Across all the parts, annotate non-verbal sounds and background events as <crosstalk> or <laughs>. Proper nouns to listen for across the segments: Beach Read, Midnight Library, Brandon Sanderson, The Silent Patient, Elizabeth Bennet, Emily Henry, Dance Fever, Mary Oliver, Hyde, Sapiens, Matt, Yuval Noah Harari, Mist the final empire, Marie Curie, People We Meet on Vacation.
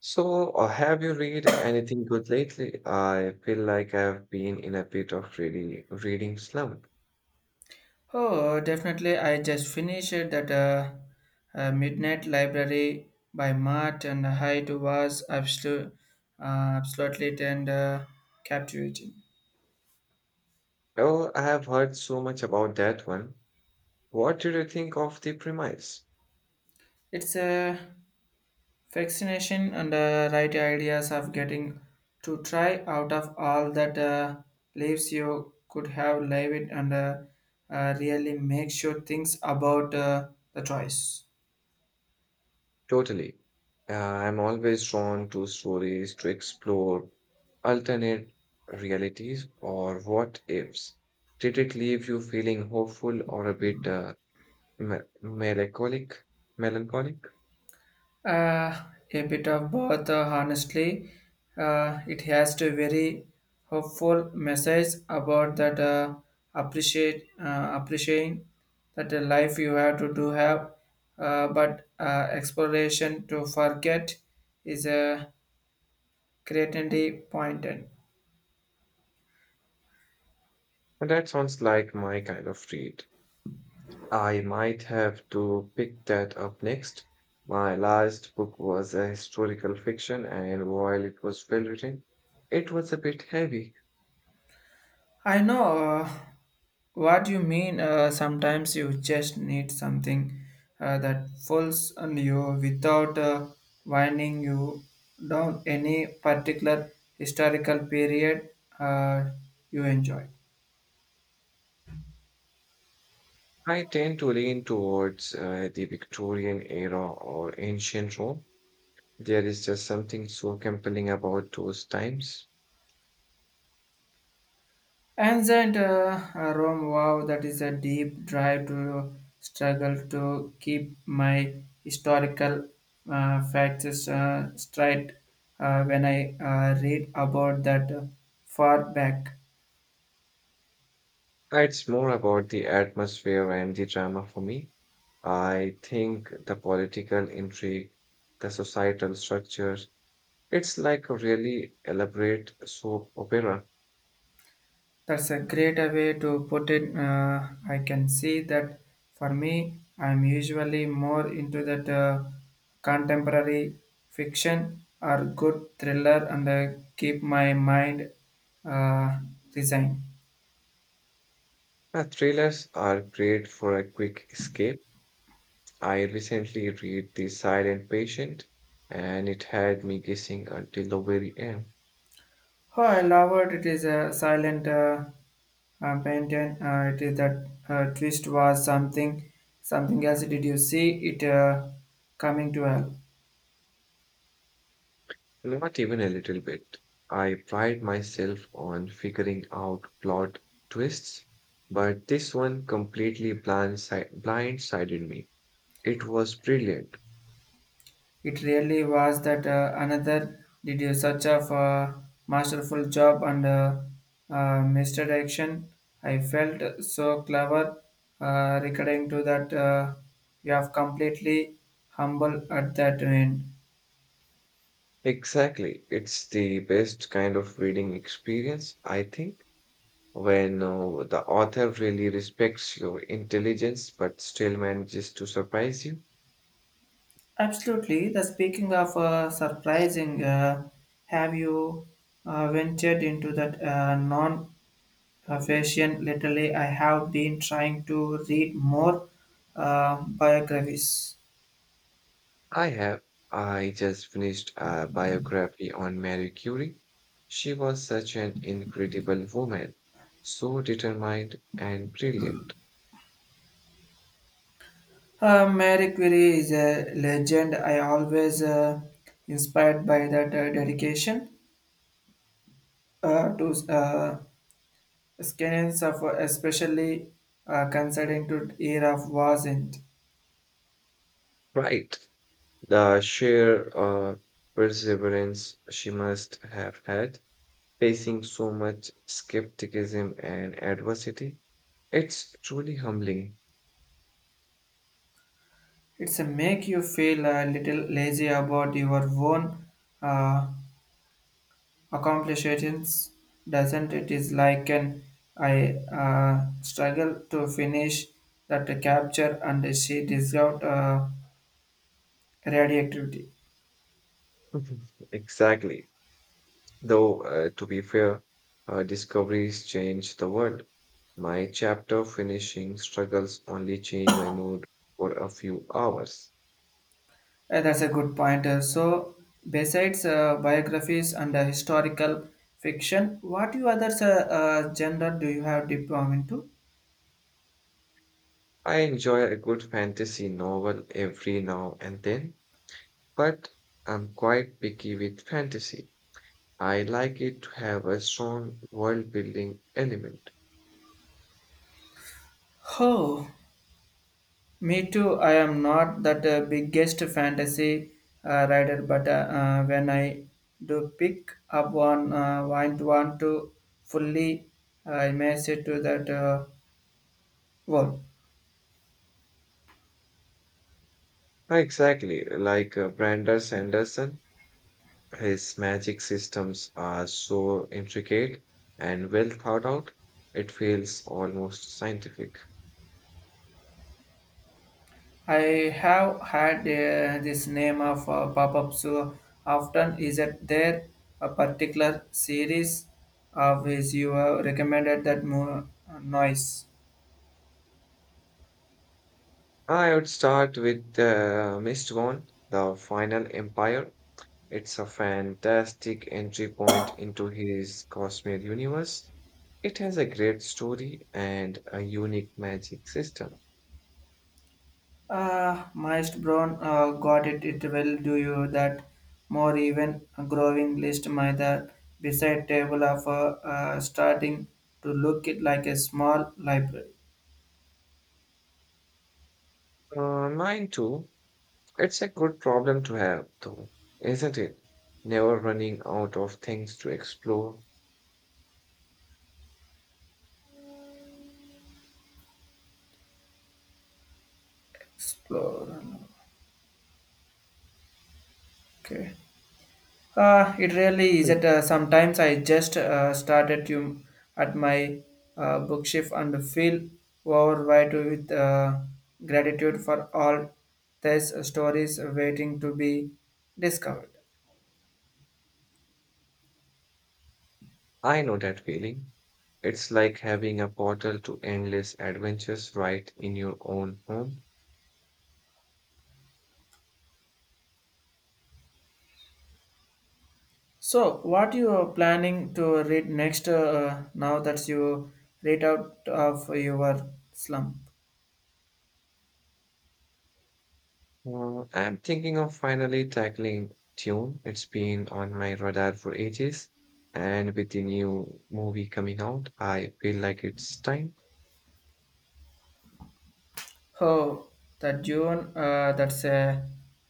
So, have you read anything good lately? I feel like I've been in a bit of reading slump. Oh, definitely. I just finished that Midnight Library by Matt and Hyde was uh, absolutely and captivating. Oh, I have heard so much about that one. What did you think of the premise? It's a fascination and right ideas of getting to try out of all that lives you could have lived and really make sure things about the choice. Totally. I'm always drawn to stories to explore alternate realities or what ifs. Did it leave you feeling hopeful or a bit me melancholic? Melancholic? Uh, a bit of both, honestly. It has to very hopeful message about that appreciate appreciating that the life you have to do have, but exploration to forget is a creativity pointed. And That sounds like my kind of read. I might have to pick that up next. My last book was a historical fiction, and while it was well written, it was a bit heavy. I know what you mean. Sometimes you just need something that falls on you without winding you down any particular historical period uh, you enjoy. I tend to lean towards the Victorian era or ancient Rome. There is just something so compelling about those times. Ancient Rome, wow, that is a deep drive to struggle to keep my historical facts straight when I read about that far back. It's more about the atmosphere and the drama for me. I think the political intrigue, the societal structure, it's like a really elaborate soap opera. That's a great way to put it. I can see that for me, I'm usually more into that contemporary fiction or good thriller and keep my mind uh, resigned. Thrillers are great for a quick escape. I recently read The Silent Patient, and it had me guessing until the very end. Oh, I love it. It is a silent painting. It is that twist was something else. Did you see it coming to hell? Not even a little bit. I pride myself on figuring out plot twists, but this one completely blindsided me. It was brilliant. It really was that another did you such a masterful job and misdirection. I felt so clever recurring to that you have completely humble at that end. Exactly. It's the best kind of reading experience, I think, when the author really respects your intelligence but still manages to surprise you. Absolutely. The speaking of surprising, have you ventured into that non-fashion? Lately, I have been trying to read more biographies. I have. I just finished a biography on Marie Curie. She was such an incredible woman, so determined and brilliant. Marie Curie is a legend. I always inspired by that dedication to science of especially considering to era of wasn't. Right. The sheer perseverance she must have had, facing so much skepticism and adversity. It's truly humbling. It's a make you feel a little lazy about your own uh, accomplishments, doesn't it? Is like an I struggle to finish that capture and she discovered radioactivity. <laughs> Exactly. Though, to be fair, her discoveries changed the world. My chapter finishing struggles only change my mood for a few hours. That's a good point. So, besides biographies and historical fiction, what you other genre do you have deep down into? I enjoy a good fantasy novel every now and then, but I'm quite picky with fantasy. I like it to have a strong world building element. Oh, me too. I am not that biggest fantasy writer, but when I do pick up one, want to fully immerse it to that world. Exactly, like Brandon Sanderson. His magic systems are so intricate and well thought out, it feels almost scientific. I have had this name of pop-up so often. Is it there a particular series of which you have recommended that more noise? I would start with the Mist the final empire. It's a fantastic entry point into his cosmic universe. It has a great story and a unique magic system. Mr. Brown got it. It will do you that more even growing list. My the beside table of starting to look it like a small library. Mine too. It's a good problem to have, though, isn't it? Never running out of things to explore. Explorer. Okay. It really is. At sometimes I just start at you at my bookshelf and feel overwhelmed with gratitude for all these stories waiting to be discovered. I know that feeling. It's like having a portal to endless adventures right in your own home. So, what you are planning to read next? Now that you read out of your slum. I'm thinking of finally tackling Tune. It's been on my radar for ages, and with the new movie coming out, I feel like it's time. Oh, the June, that's a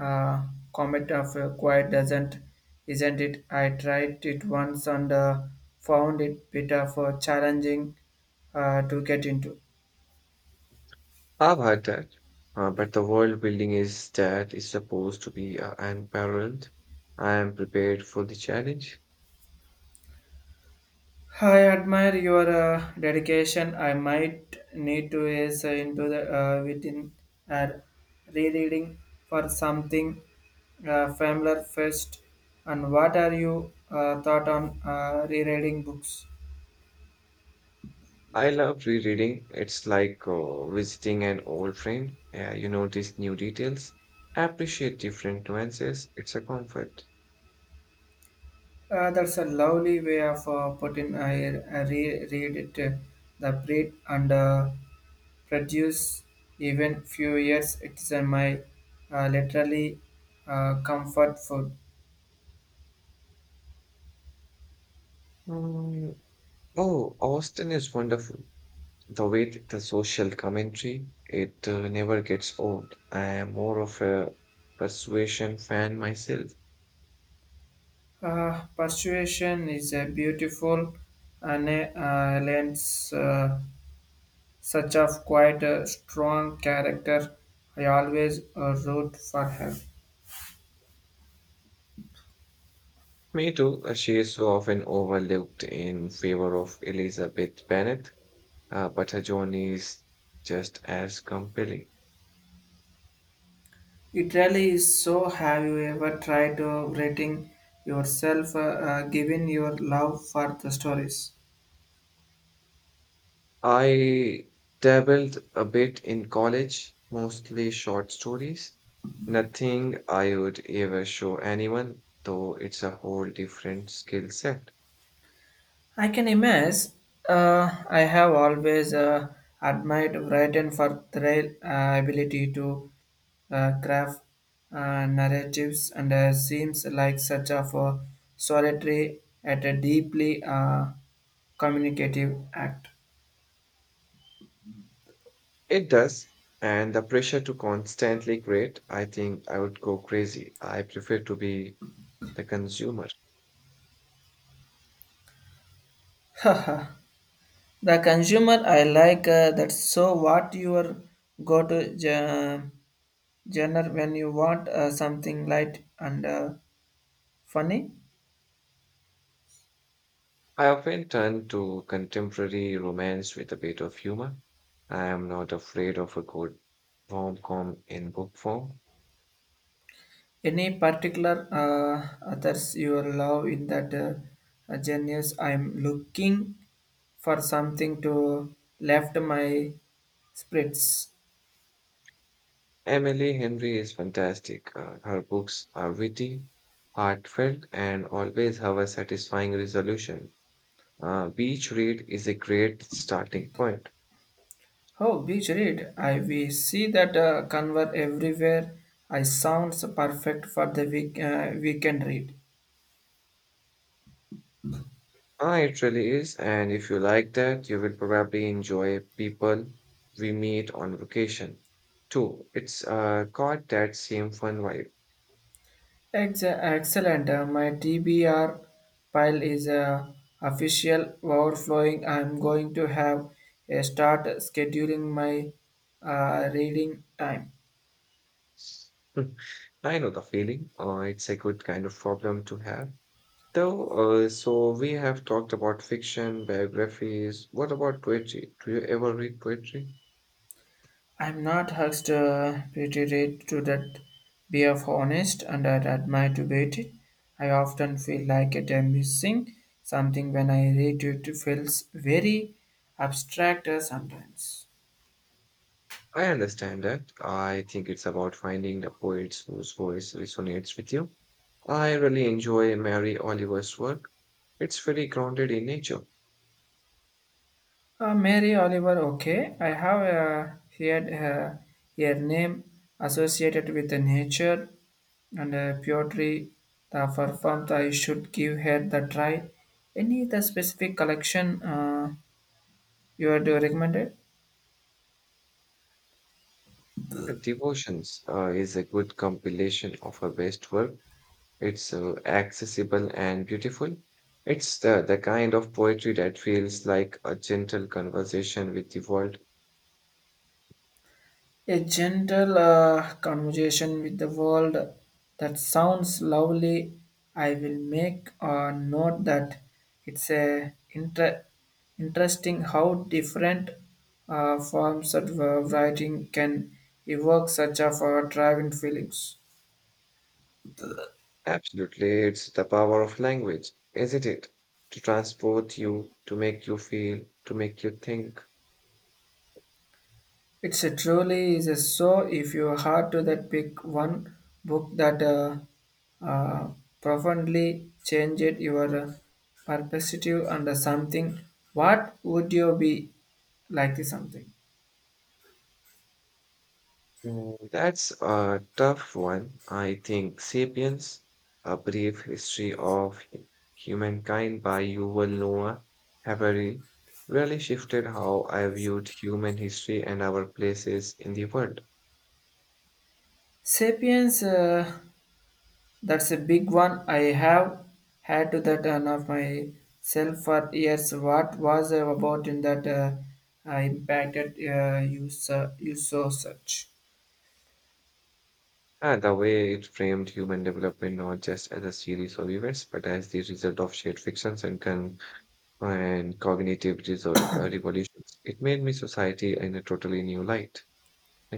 uh, comet of a quiet doesn't, isn't it? I tried it once and found it bit of a challenging to get into. I've heard that, but the world building is that is supposed to be unparalleled. I am prepared for the challenge. I admire your dedication. I might need to is into the within uh, rereading for something familiar first. And what are you thought on rereading books? I love rereading. It's like visiting an old friend. Yeah, you notice new details, appreciate different nuances. It's a comfort. That's a lovely way of putting. I re- read it. The breed and produce even few years. It's my literally comfort food. Mm, oh, Austin is wonderful. The way the social commentary, it never gets old. I am more of a persuasion fan myself. Persuasion is a beautiful and lends such of quite a strong character. I always root for her. Me too. She is so often overlooked in favor of Elizabeth Bennet, but her journey is just as compelling. It really is so. Have you ever tried rating yourself given your love for the stories? I dabbled a bit in college, mostly short stories. Nothing I would ever show anyone, though it's a whole different skill set. I can imagine. I have always admired Brighton for their ability to craft narratives, and seems like such of a solitary at a deeply communicative act. It does, and the pressure to constantly create, I think I would go crazy. I prefer to be the consumer. <laughs> The consumer I like that. So what your go-to general genre when you want something light and funny? I often turn to contemporary romance with a bit of humor. I am not afraid of a good rom-com in book form. Any particular others you love in that genius? I'm looking for something to left my spirits. Emily Henry is fantastic. Her books are witty, heartfelt, and always have a satisfying resolution. Beach Read is a great starting point. Oh, beach read. I we see that convert everywhere. I sounds perfect for the week, weekend read. Ah, it really is, and if you like that, you will probably enjoy People We Meet on Vacation too. It's got that same fun vibe. Excellent. My TBR pile is official overflowing. I'm going to have a start scheduling my reading time. <laughs> I know the feeling. It's a good kind of problem to have. So, we have talked about fiction, biographies. What about poetry? Do you ever read poetry? I'm not asked reiterate to that. Be of honest and I admire to beat it. I often feel like it am missing something when I read it. It feels very abstract sometimes. I understand that. I think it's about finding the poets whose voice resonates with you. I really enjoy Mary Oliver's work. It's very grounded in nature. Mary Oliver, okay. I have heard her name associated with the nature and poetry. The performed, I should give her the try. Any the specific collection you had recommended? Her Devotions is a good compilation of her best work. It's accessible and beautiful. It's the kind of poetry that feels like a gentle conversation with the world. A gentle conversation with the world that sounds lovely. I will make a note that it's a interesting how different forms of writing can evoke such of driving feelings. Absolutely, it's the power of language, isn't it? To transport you, to make you feel, to make you think. It's a truly is a so if you had to that pick one book that uh, profoundly changed your perspective and something, what would you be like this something? Mm, that's a tough one. I think Sapiens, A Brief History of Humankind by Yuval Noah Harari, really shifted how I viewed human history and our places in the world. Sapiens, that's a big one. I have had to that on of myself for years. What was about in that impacted you, you so such? And the way it framed human development not just as a series of events, but as the result of shared fictions and con and cognitive revolutions. It made me society in a totally new light. I